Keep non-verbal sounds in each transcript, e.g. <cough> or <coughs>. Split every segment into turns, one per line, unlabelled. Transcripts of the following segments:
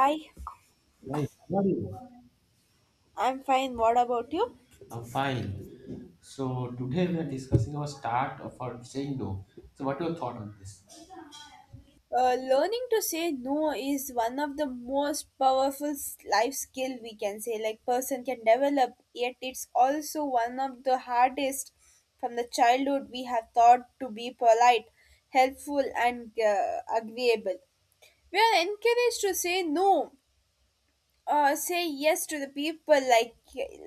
Hi,
Right. How are you?
I'm fine. What about you?
I'm fine. So today we are discussing our start of our saying no. So what are your thought on this?
Learning to say no is one of the most powerful life skill we can say like person can develop, yet it's also one of the hardest from the childhood we have taught to be polite, helpful, and agreeable. We are encouraged to say no, say yes to the people like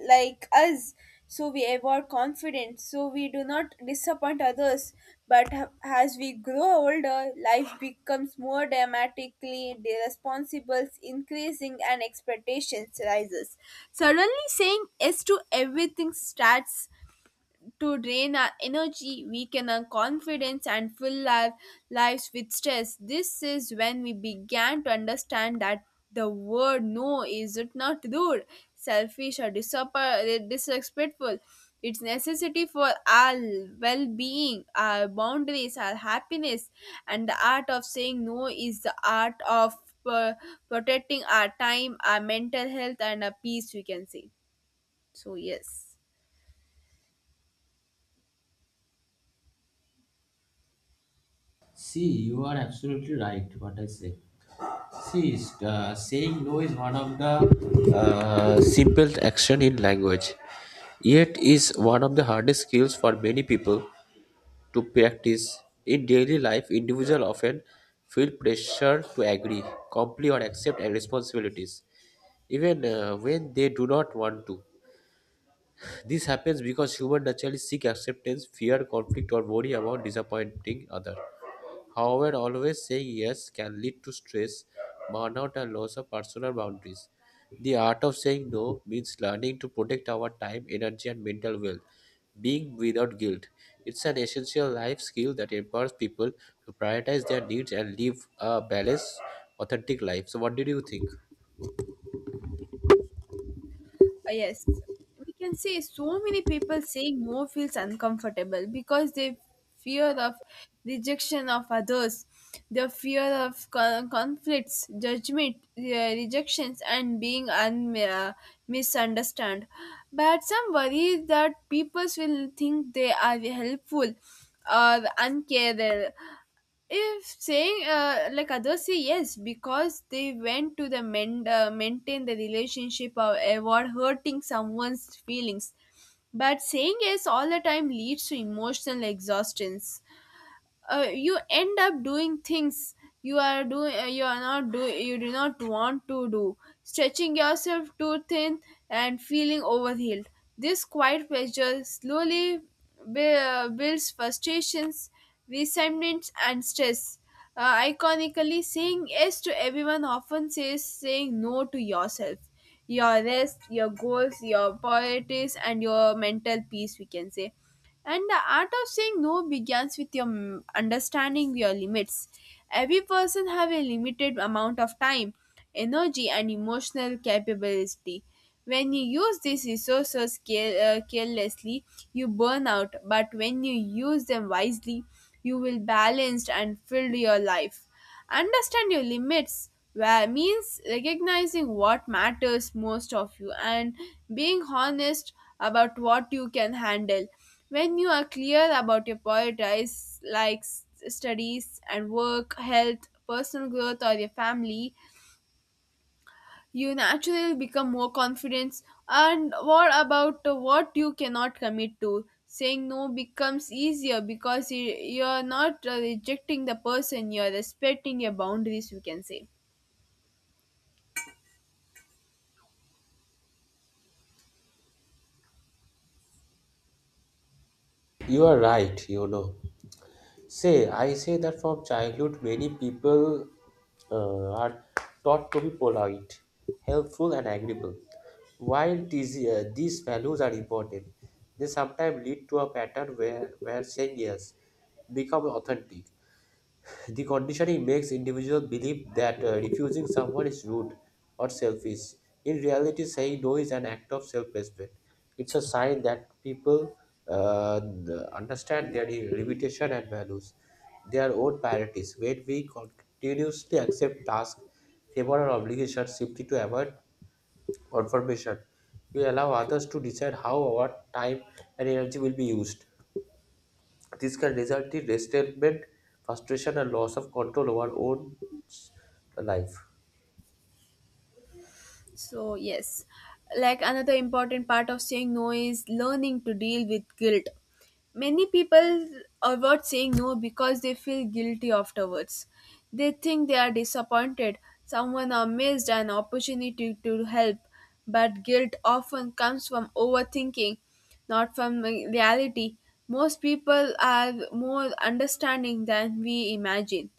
us. So we evolve confidence so we do not disappoint others. But as we grow older, life becomes more dramatically the responsibles increasing and expectations rises. Suddenly saying yes to everything starts to drain our energy, weaken our confidence, and fill our lives with stress. This is when we began to understand that the word no is not rude, selfish, or disrespectful. It's necessity for our well-being, our boundaries, our happiness, and the art of saying no is the art of uh, protecting our time, our mental health, and our peace. We can say so. Yes.
See, you are absolutely right. What I say. See, saying no is one of the simplest action in language. Yet is one of the hardest skills for many people to practice. In daily life, individuals often feel pressure to agree, comply, or accept responsibilities, even when they do not want to. This happens because human naturally seek acceptance, fear conflict, or worry about disappointing others. However, always saying yes can lead to stress, burnout, and loss of personal boundaries. The art of saying no means learning to protect our time, energy, and mental well being without guilt. It's an essential life skill that empowers people to prioritize their needs and live a balanced, authentic life. So, what did you think?
Yes, we can see so many people saying no feels uncomfortable because they fear of rejection of others, the fear of conflicts, judgment, rejections, and being misunderstood. But some worry that people will think they are helpful or uncared if saying like others say yes because they went to the men maintain the relationship or avoid hurting someone's feelings. But saying yes all the time leads to emotional exhaustion. You end up doing things you are doing, you are not do you do not want to do, stretching yourself too thin and feeling overhealed. This quiet pressure slowly builds frustrations, resentments, and stress. Iconically saying yes to everyone often says saying no to yourself, your rest, your goals, your priorities, and your mental peace, we can say. And the art of saying no begins with your understanding your limits. Every person have a limited amount of time, energy, and emotional capability. When you use these resources carelessly, you burn out, but when you use them wisely, you will balanced and fill your life. Understand your limits where means recognizing what matters most of you and being honest about what you can handle when you are clear about your priorities, like studies and work, health, personal growth, or your family, you naturally become more confident. And what about what you cannot commit to? Saying no becomes easier because you're not rejecting the person, you're respecting your boundaries, we can say.
You are right, you know. Say, I say that from childhood, many people are taught to be polite, helpful, and agreeable. While these values are important, they sometimes lead to a pattern where saying yes becomes authentic. The conditioning makes individuals believe that refusing someone is rude or selfish. In reality, saying no is an act of self respect. It's a sign that people uh, understand their limitation and values their own priorities. When we continuously accept tasks, favor or obligations simply to avoid confirmation, we allow others to decide how our time and energy will be used. This can result in resentment, frustration, and loss of control over own s- life.
So, yes, like another important part of saying no is learning to deal with guilt. Many people avoid saying no because they feel guilty afterwards. They think they are disappointed, someone or missed an opportunity to help, but guilt often comes from overthinking, not from reality. Most people are more understanding than we imagine,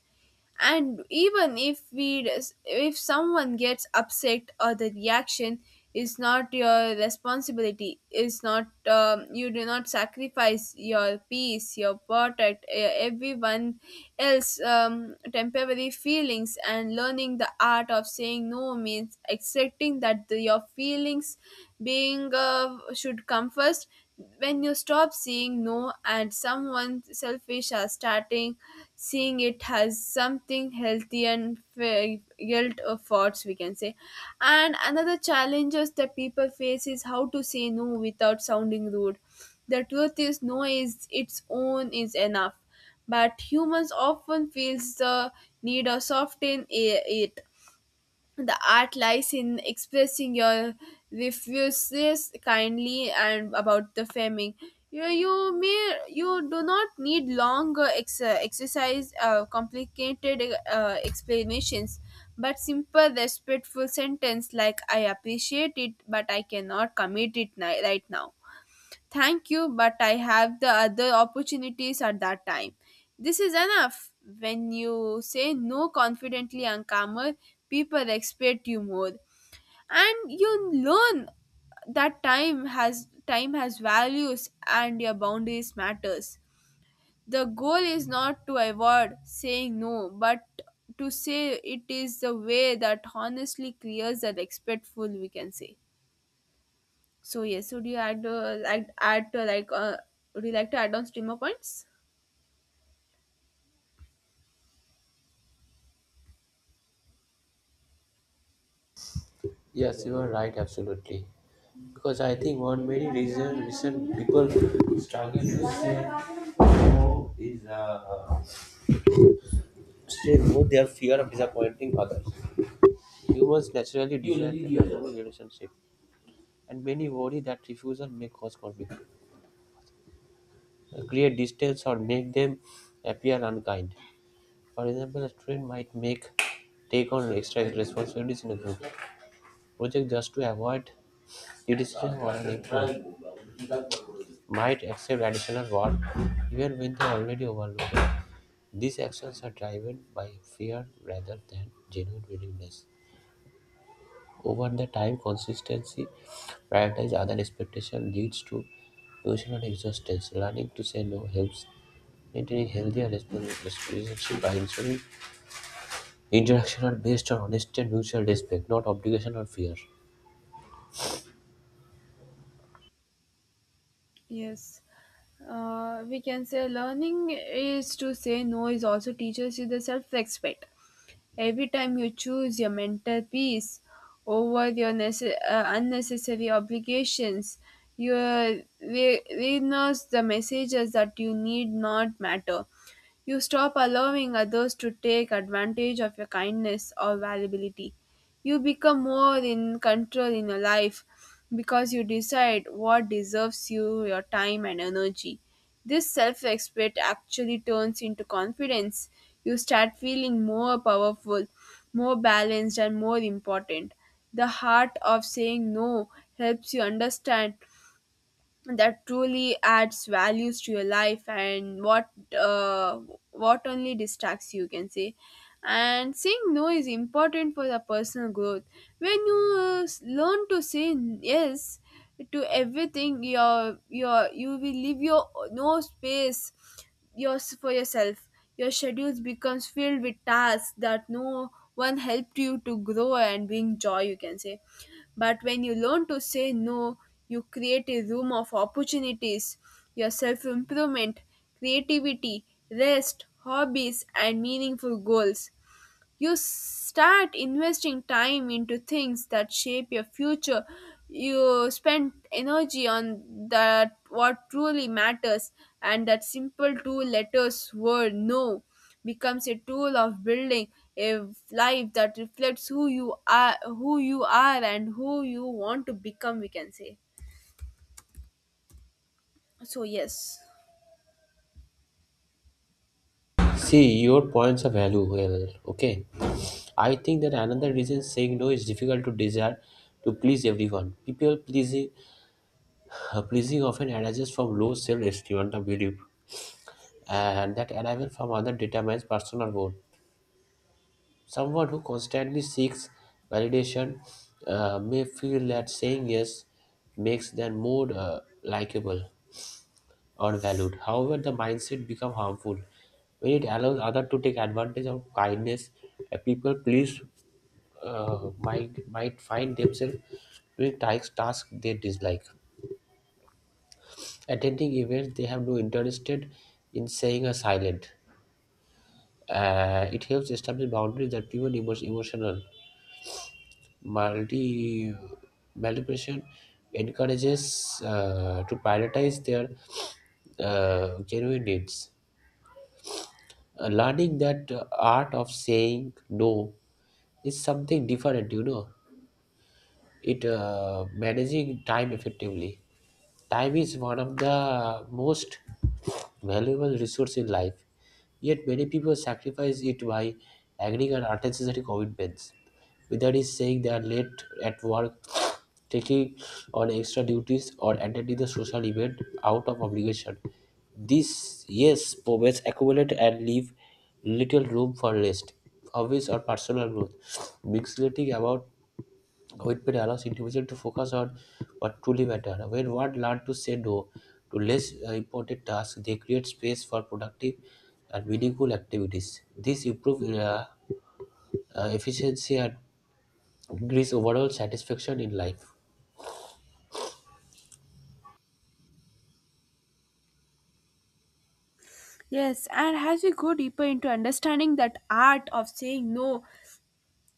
and even if someone gets upset or the reaction is not your responsibility, is not you do not sacrifice your peace, your protect everyone else temporary feelings, and learning the art of saying no means accepting that your feelings being should come first when you stop seeing no and someone selfish are starting seeing it has something healthy and guilt of thoughts, we can say. And another challenges that people face is how to say no without sounding rude. The truth is no is its own is enough, but humans often feels the need of soften it. The art lies in expressing your refuses kindly and about the faming. You may you do not need long exercise complicated explanations, but simple respectful sentence like I appreciate it but I cannot commit it right now. Thank you, but I have the other opportunities at that time. This is enough. When you say no confidently and calmer, people expect you more. And you learn that time has values and your boundaries matters. The goal is not to avoid saying no, but to say it is the way that honestly clears the respectful, we can say. So yes, would you add like add would you like to add on streamer points?
Yes, you are right, absolutely. Because I think one many reason people struggle to say no is say no their fear of disappointing others. Humans naturally desire by the relationship, and many worry that refusal may cause conflict, create distance, or make them appear unkind. For example, a student might make take on extra responsibilities in a group project just to avoid criticism or an influence, might accept additional work even when they are already overloaded. These actions are driven by fear rather than genuine willingness. Over the time, consistency, prioritize other expectations leads to emotional exhaustion. Learning to say no helps maintaining healthier relationship by ensuring interaction are based on honesty and mutual respect, not obligation or fear.
Yes. We can say learning is to say no is also teaches you the self respect. Every time you choose your mental peace over your unnecessary obligations, you renounce the messages that you need not matter. You stop allowing others to take advantage of your kindness or valuability. You become more in control in your life because you decide what deserves you, your time, and energy. This self respect actually turns into confidence. You start feeling more powerful, more balanced, and more important. The heart of saying no helps you understand that truly adds values to your life and uh, what only distracts you, you can say. And saying no is important for the personal growth when you learn to say yes to everything your you will leave your no space yours for yourself. Your schedules becomes filled with tasks that no one helped you to grow and bring joy, you can say. But when you learn to say no, you create a room of opportunities, your self improvement, creativity, rest, hobbies, and meaningful goals. You start investing time into things that shape your future. You spend energy on that what truly matters, and that simple two letters word no becomes a tool of building a life that reflects who you are, and who you want to become. We can say so. Yes.
See, your points are valuable. Okay. I think that another reason saying no is difficult to desire to please everyone. People pleasing often arises from low self-esteem and belief, and that arrival from other determines personal worth. Someone who constantly seeks validation may feel that saying yes makes them more likable or valued. However, the mindset becomes harmful when it allows others to take advantage of kindness. A people please might find themselves doing tasks they dislike, attending events they have no interest in, saying a silent. It helps establish boundaries that prevent emotional Multi malnutrition encourages to prioritize their genuine needs. Learning that art of saying no is something different, you know. It managing time effectively. Time is one of the most valuable resource in life. Yet many people sacrifice it by agreeing on unnecessary commitments. Without is saying they are late at work, taking on extra duties, or attending the social event out of obligation. This, yes, moments accumulate and leave little room for rest, hobbies, or personal growth. Mixing about commitment allows individuals to focus on what truly matters. When one learns to say no to less important tasks, they create space for productive and meaningful activities. This improves efficiency and Greece overall satisfaction in life.
Yes, and as we go deeper into understanding that art of saying no,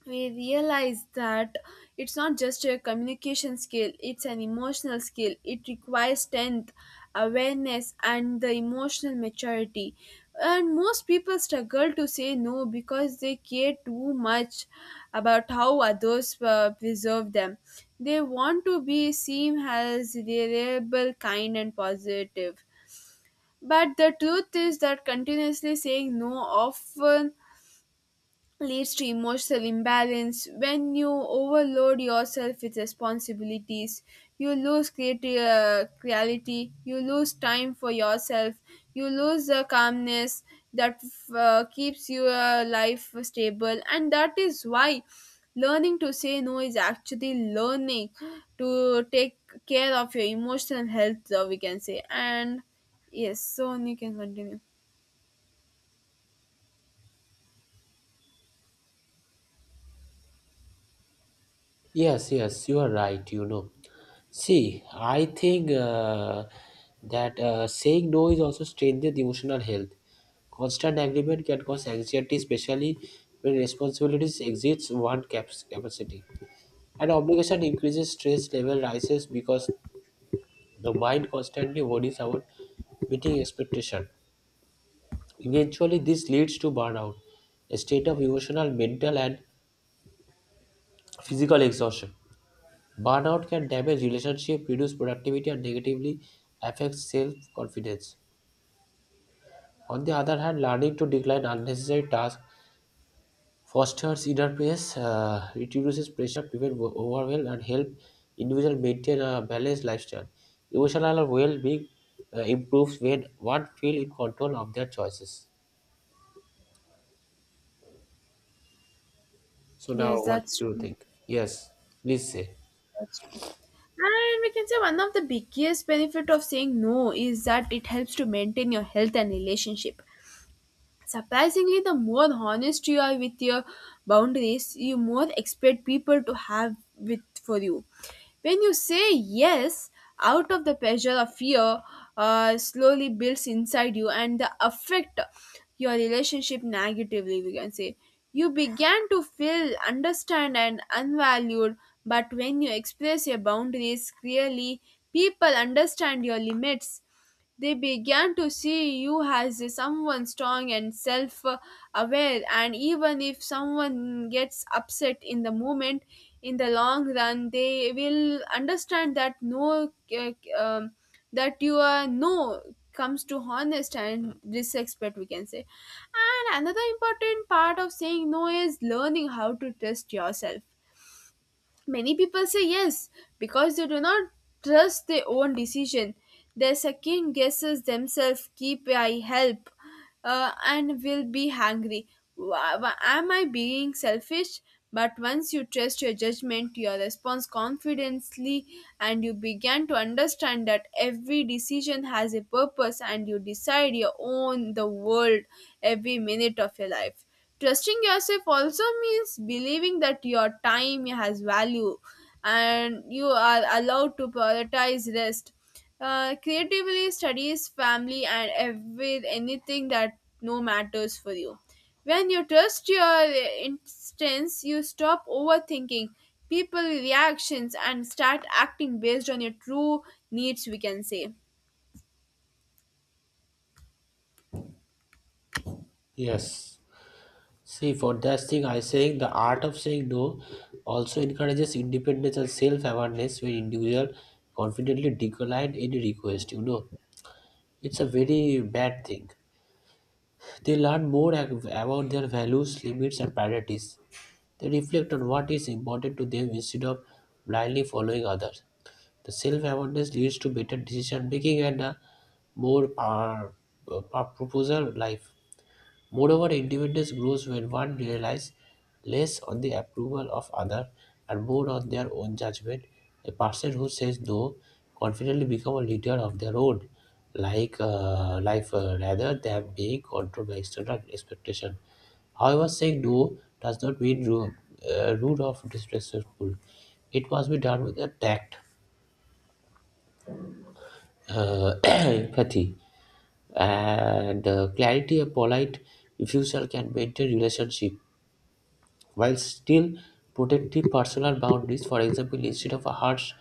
we realize that it's not just a communication skill, it's an emotional skill. It requires strength, awareness, and the emotional maturity. And most people struggle to say no because they care too much about how others preserve them. They want to be seen as reliable, kind, and positive. But the truth is that continuously saying no often leads to emotional imbalance. When you overload yourself with responsibilities, you lose creativity, you lose time for yourself, you lose the calmness that keeps your life stable, and that is why learning to say no is actually learning to take care of your emotional health, we can say. And yes, so you can continue.
Yes, yes, you are right. You know, see, I think that saying no is also strengthens emotional health. Constant agreement can cause anxiety, especially when responsibilities exceeds one cap's capacity. And obligation increases, stress level rises because the mind constantly worries about meeting expectation. Eventually, this leads to burnout, a state of emotional, mental, and physical exhaustion. Burnout can damage relationships, reduce productivity, and negatively affect self-confidence. On the other hand, learning to decline unnecessary tasks fosters inner peace, it reduces pressure, prevents overwhelm, and help individual maintain a balanced lifestyle. Emotional well-being improves when one feel in control of their choices. So
Yes,
now, what
that's
do you
true.
think? Yes, please say.
That's true. And we can say one of the biggest benefit of saying no is that it helps to maintain your health and relationship. Surprisingly, the more honest you are with your boundaries, you more expect people to have with for you. When you say yes out of the pressure of fear, slowly builds inside you and the affect your relationship negatively, we can say. You began to feel understand and unvalued. But when you express your boundaries clearly, people understand your limits. They began to see you as someone strong and self aware, and even if someone gets upset in the moment, in the long run, they will understand that no, uh, um, that your no comes to honest and disrespect, we can say. And another important part of saying no is learning how to trust yourself. Many people say yes because they do not trust their own decision. They second guesses themselves. Keep I help, and will be hungry. Am I being selfish? But once you trust your judgment, your response confidently, and you begin to understand that every decision has a purpose, and you decide your own the world every minute of your life. Trusting yourself also means believing that your time has value and you are allowed to prioritize rest. Creatively studies, family, and every anything that no matters for you. When you trust your instincts, you stop overthinking people reactions and start acting based on your true needs. We can say.
Yes. See, for that thing, I saying the art of saying no also encourages independence and self-awareness when individual confidently decline any request. You know, it's a very bad thing. They learn more about their values, limits, and priorities. They reflect on what is important to them instead of blindly following others. The self-awareness leads to better decision making and a more purposeful life. Moreover, independence grows when one relies less on the approval of others and more on their own judgment. A person who says no confidently become a leader of their own like life rather than being controlled by external expectation. However, saying no does not mean rude or disrespectful. It must be done with a tact, <coughs> <clears throat> empathy, and clarity. A polite refusal can maintain relationship while still protecting personal boundaries. For example, instead of a harsh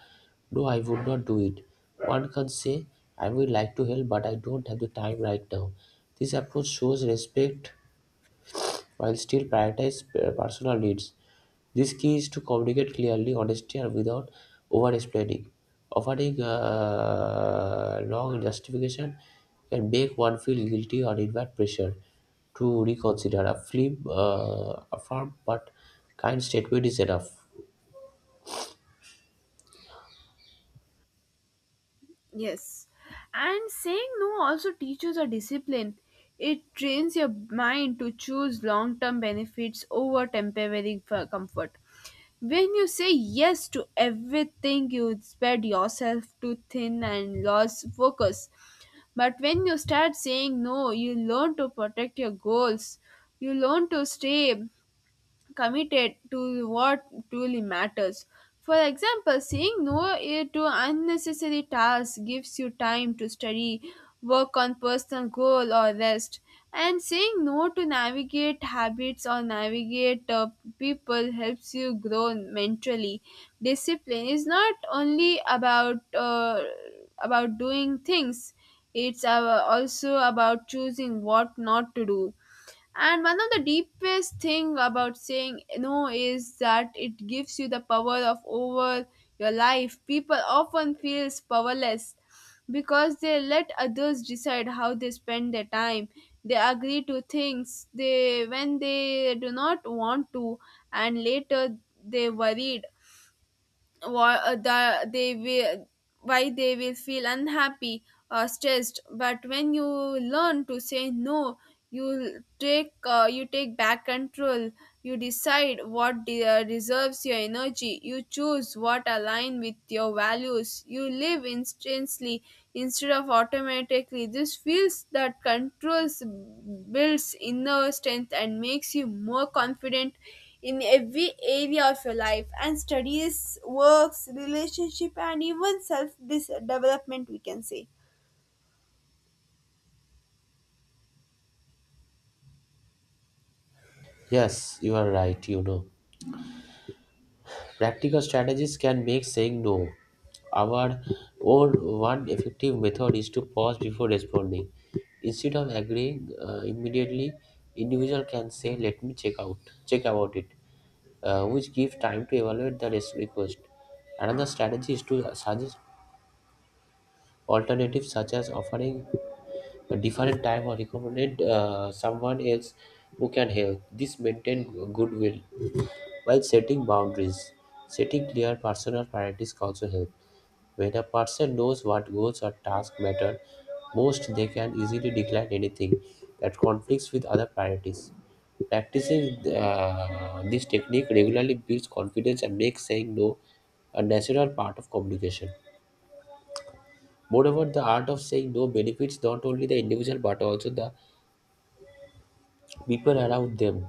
no, I would not do it. One can say, I would like to help, but I don't have the time right now. This approach shows respect while still prioritize personal needs. This key is to communicate clearly, honestly, and without over explaining. Offering long justification can make one feel guilty or invite pressure to reconsider. A firm but kind statement is enough.
Yes. And saying no also teaches a discipline. It trains your mind to choose long term benefits over temporary comfort. When you say yes to everything, you spread yourself too thin and lose focus. But when you start saying no, you learn to protect your goals. You learn to stay committed to what truly matters. For example, saying no to unnecessary tasks gives you time to study, work on personal goal or rest. And saying no to navigate habits or navigate people helps you grow mentally. Discipline is not only about doing things; it's also about choosing what not to do, and one of the deepest thing about saying no is that it gives you the power of over your life. People often feels powerless because they let others decide how they spend their time. They agree to things they when they do not want to, and later they worried wha- the, they will, why they will feel unhappy or stressed. But when you learn to say no, you take you take back control. You decide what deserves your energy. You choose what aligns with your values. You live instantly instead of automatically. This feels that controls builds inner strength and makes you more confident in every area of your life and studies, works, relationship, and even self development, we can say.
Yes, you are right, you know. Practical strategies can make saying no our or one effective method is to pause before responding. Instead of agreeing immediately, individual can say, "Let me check out, check about it," which gives time to evaluate the request. Another strategy is to suggest alternatives, such as offering a different time or recommending someone else who can help. This maintains goodwill while setting boundaries. Setting clear personal priorities also help When a person knows what goals or tasks matter most, they can easily decline anything that conflicts with other priorities. Practicing this technique regularly builds confidence and makes saying no a natural part of communication. Moreover, the art of saying no benefits not only the individual but also the people around them.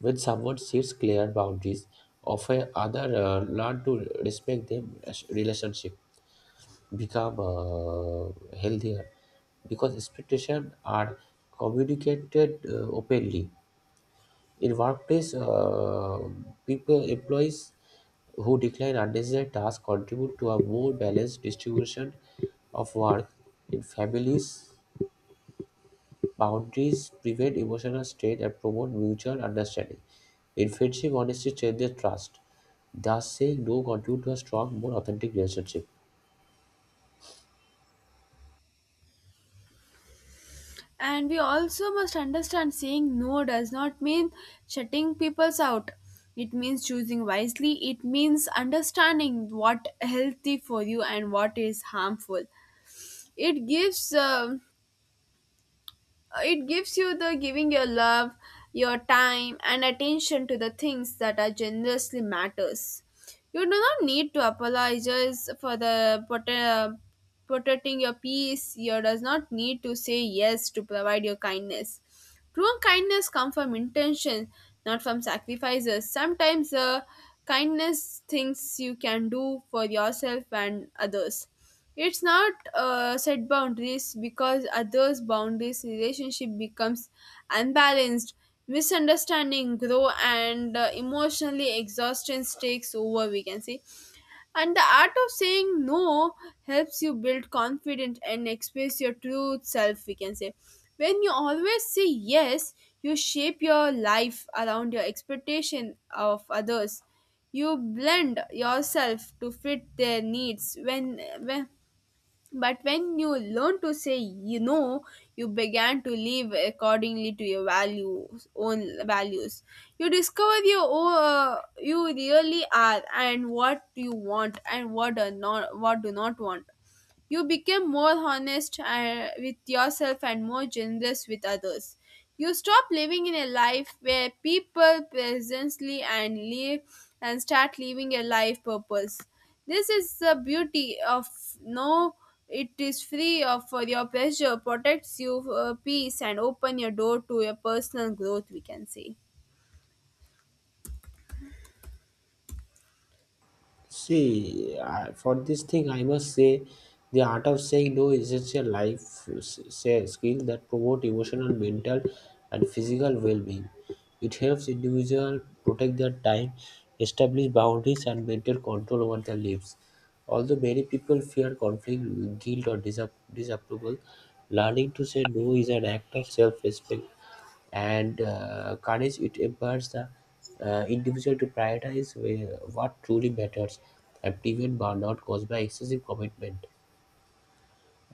When someone sets clear boundaries, often other learn to respect their relationship. Become healthier because expectations are communicated openly in workplace people employees who decline unnecessary tasks contribute to a more balanced distribution of work in families boundaries prevent emotional strain and promote mutual understanding in friendship honesty changes trust thus saying no contribute to a strong more authentic relationship.
And we also must understand saying no does not mean shutting people's out. It means choosing wisely. It means understanding what healthy for you and what is harmful. It gives um it gives you the giving your love, your time and attention to the things that are generously matters. You do not need to apologize for protecting your peace. You does not need to say yes to provide your kindness. True kindness comes from intention, not from sacrifices. Sometimes kindness things you can do for yourself and others. It's not set boundaries because others' boundaries relationship becomes unbalanced. Misunderstanding grow, and emotionally exhaustion takes over, we can see. And the art of saying no helps you build confidence and express your true self, we can say. When you always say yes, you shape your life around your expectation of others. You blend yourself to fit their needs. When but when you learn to say you know, you began to live accordingly to your values, own values. You discover your you really are and what you want and what are not what do not want. You become more honest with yourself and more generous with others. You stop living in a life where people presently and live, and start living a life purpose. This is the beauty of no. It is free of for your pleasure, protects you peace and open your door to your personal growth, we can say.
See, I, for this thing, I must say, the art of saying no is such a life say, skill that promote emotional, mental, and physical well-being. It helps individuals protect their time, establish boundaries, and maintain control over their lives. Although many people fear conflict, guilt, or disapproval, learning to say no is an act of self-respect and courage it empowers the individual to prioritize where, what truly matters and prevent burnout caused by excessive commitment.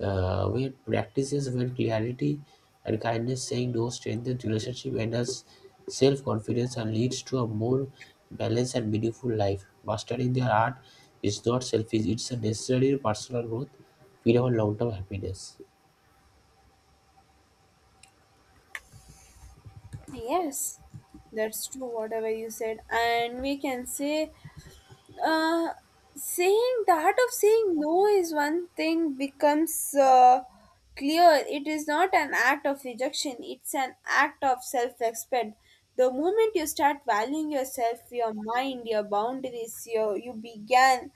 Where practices when clarity and kindness saying no strengthens relationship and us self-confidence and leads to a more balanced and meaningful life. Mastering their art is not selfish; it's a necessary personal growth, freedom, and long-term happiness.
Yes, that's true, whatever you said. And we can say uh, saying the art of saying no is one thing becomes clear. It is not an act of rejection, it's an act of self-respect. The moment you start valuing yourself, your mind, your boundaries, your, you began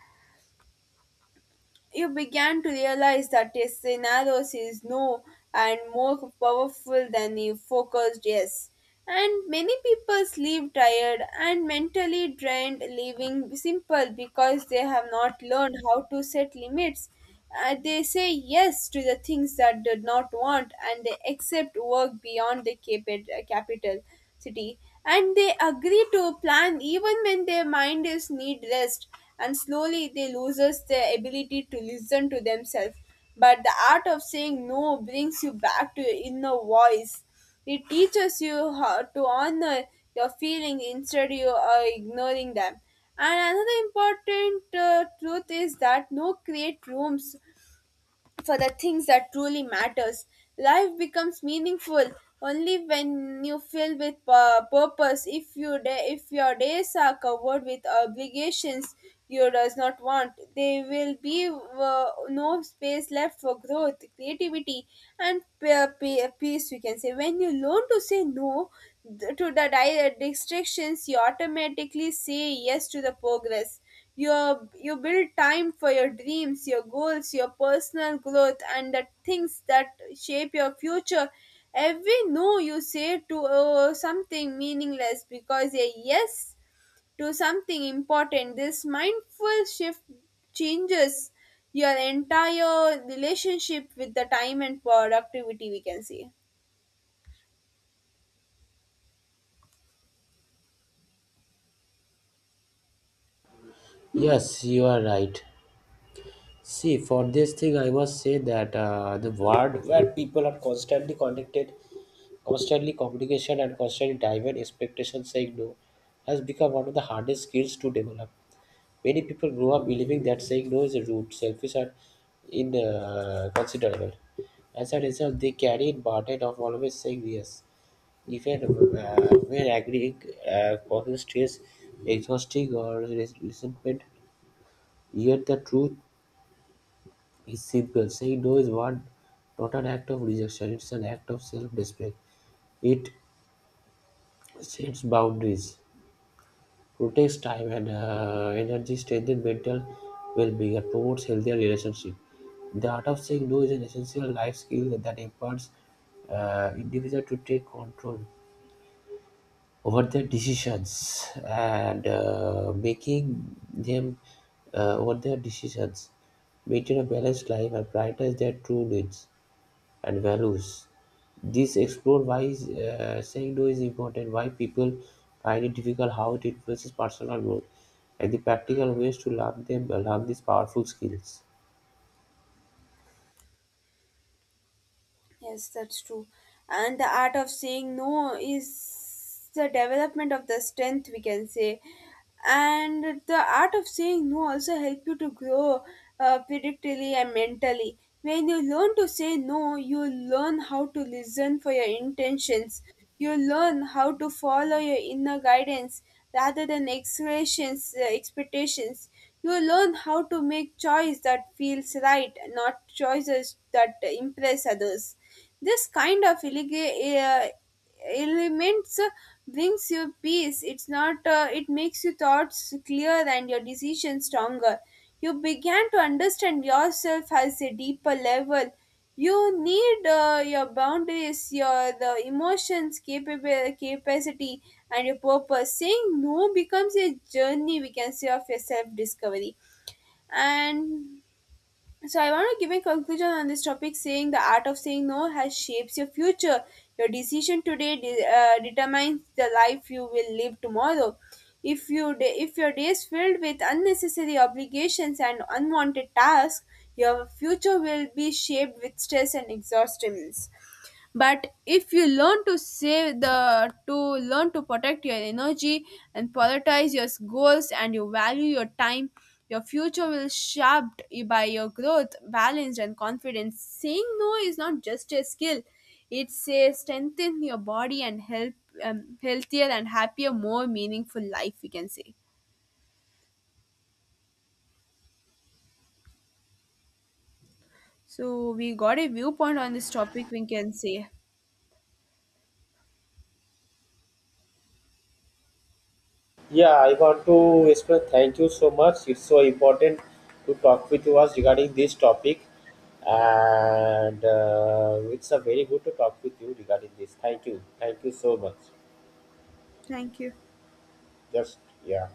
you began to realize that a scenario is no and more powerful than a focused yes. And many people sleep tired and mentally drained, living simple because they have not learned how to set limits. They say yes to the things that did not want, and they accept work beyond the capital city, and they agree to plan even when their mind is need rest, and slowly they loses their ability to listen to themselves. But the art of saying no brings you back to your inner voice. It teaches you how to honor your feelings instead you are ignoring them. And another important truth is that no create rooms for the things that truly matters. Life becomes meaningful only when you fill with purpose. If your days are covered with obligations you does not want, there will be no space left for growth, creativity, and peace, we can say. When you learn to say no to the distractions, you automatically say yes to the progress. You build time for your dreams, your goals, your personal growth and the things that shape your future. Every no you say to something meaningless because a yes to something important, this mindful shift changes your entire relationship with the time and productivity, we can say.
Yes, you are right. See, for this thing, I must say that the world where people are constantly connected, constantly communication, and constantly divert expectations saying no has become one of the hardest skills to develop. Many people grow up believing that saying no is rude, selfish, and inconsiderable. As a result, they carry in burden of always saying yes, even when agreeing causes stress, exhausting, or resentment. Yet the truth His simple Saying no is one, not an act of rejection, it's an act of self-discipline. It sets boundaries, protects time and energy, strengthens mental well-being, and promotes healthier relationships. The art of saying no is an essential life skill that empowers individuals to take control over their decisions and making them over their decisions, maintain a balanced life, and prioritize their true needs. And values. This explore why saying no is important, why people find it difficult, how it influences personal growth, and the practical ways to learn these powerful skills.
Yes, that's true. And the art of saying no is the development of the strength, we can say. And the art of saying no also help you to grow predictably and mentally. When you learn to say no, you learn how to listen for your intentions. You learn how to follow your inner guidance rather than expressions, expectations. You learn how to make choice that feels right, not choices that impress others. This kind of uh, elements brings you peace. It's not. It makes your thoughts clear and your decisions stronger. You began to understand yourself as a deeper level. You need your boundaries, your the emotions capable capacity, and your purpose. Saying no becomes a journey, we can say, of your self discovery. And so I want to give a conclusion on this topic, saying the art of saying no has shapes your future. Your decision today determines the life you will live tomorrow. If your day is filled with unnecessary obligations and unwanted tasks, your future will be shaped with stress and exhaustion. But if you learn to save the to learn to protect your energy and prioritize your goals and you value your time, your future will shaped by your growth, balance and confidence. Saying no is not just a skill, it says strengthen your body and help healthier and happier more meaningful life, we can say. So we got a viewpoint on this topic, we can say.
Yeah, I want to express thank you so much. It's so important to talk with you us regarding this topic, and it's a very good to talk with you regarding this. Thank you so much.
Thank you.
Just yeah.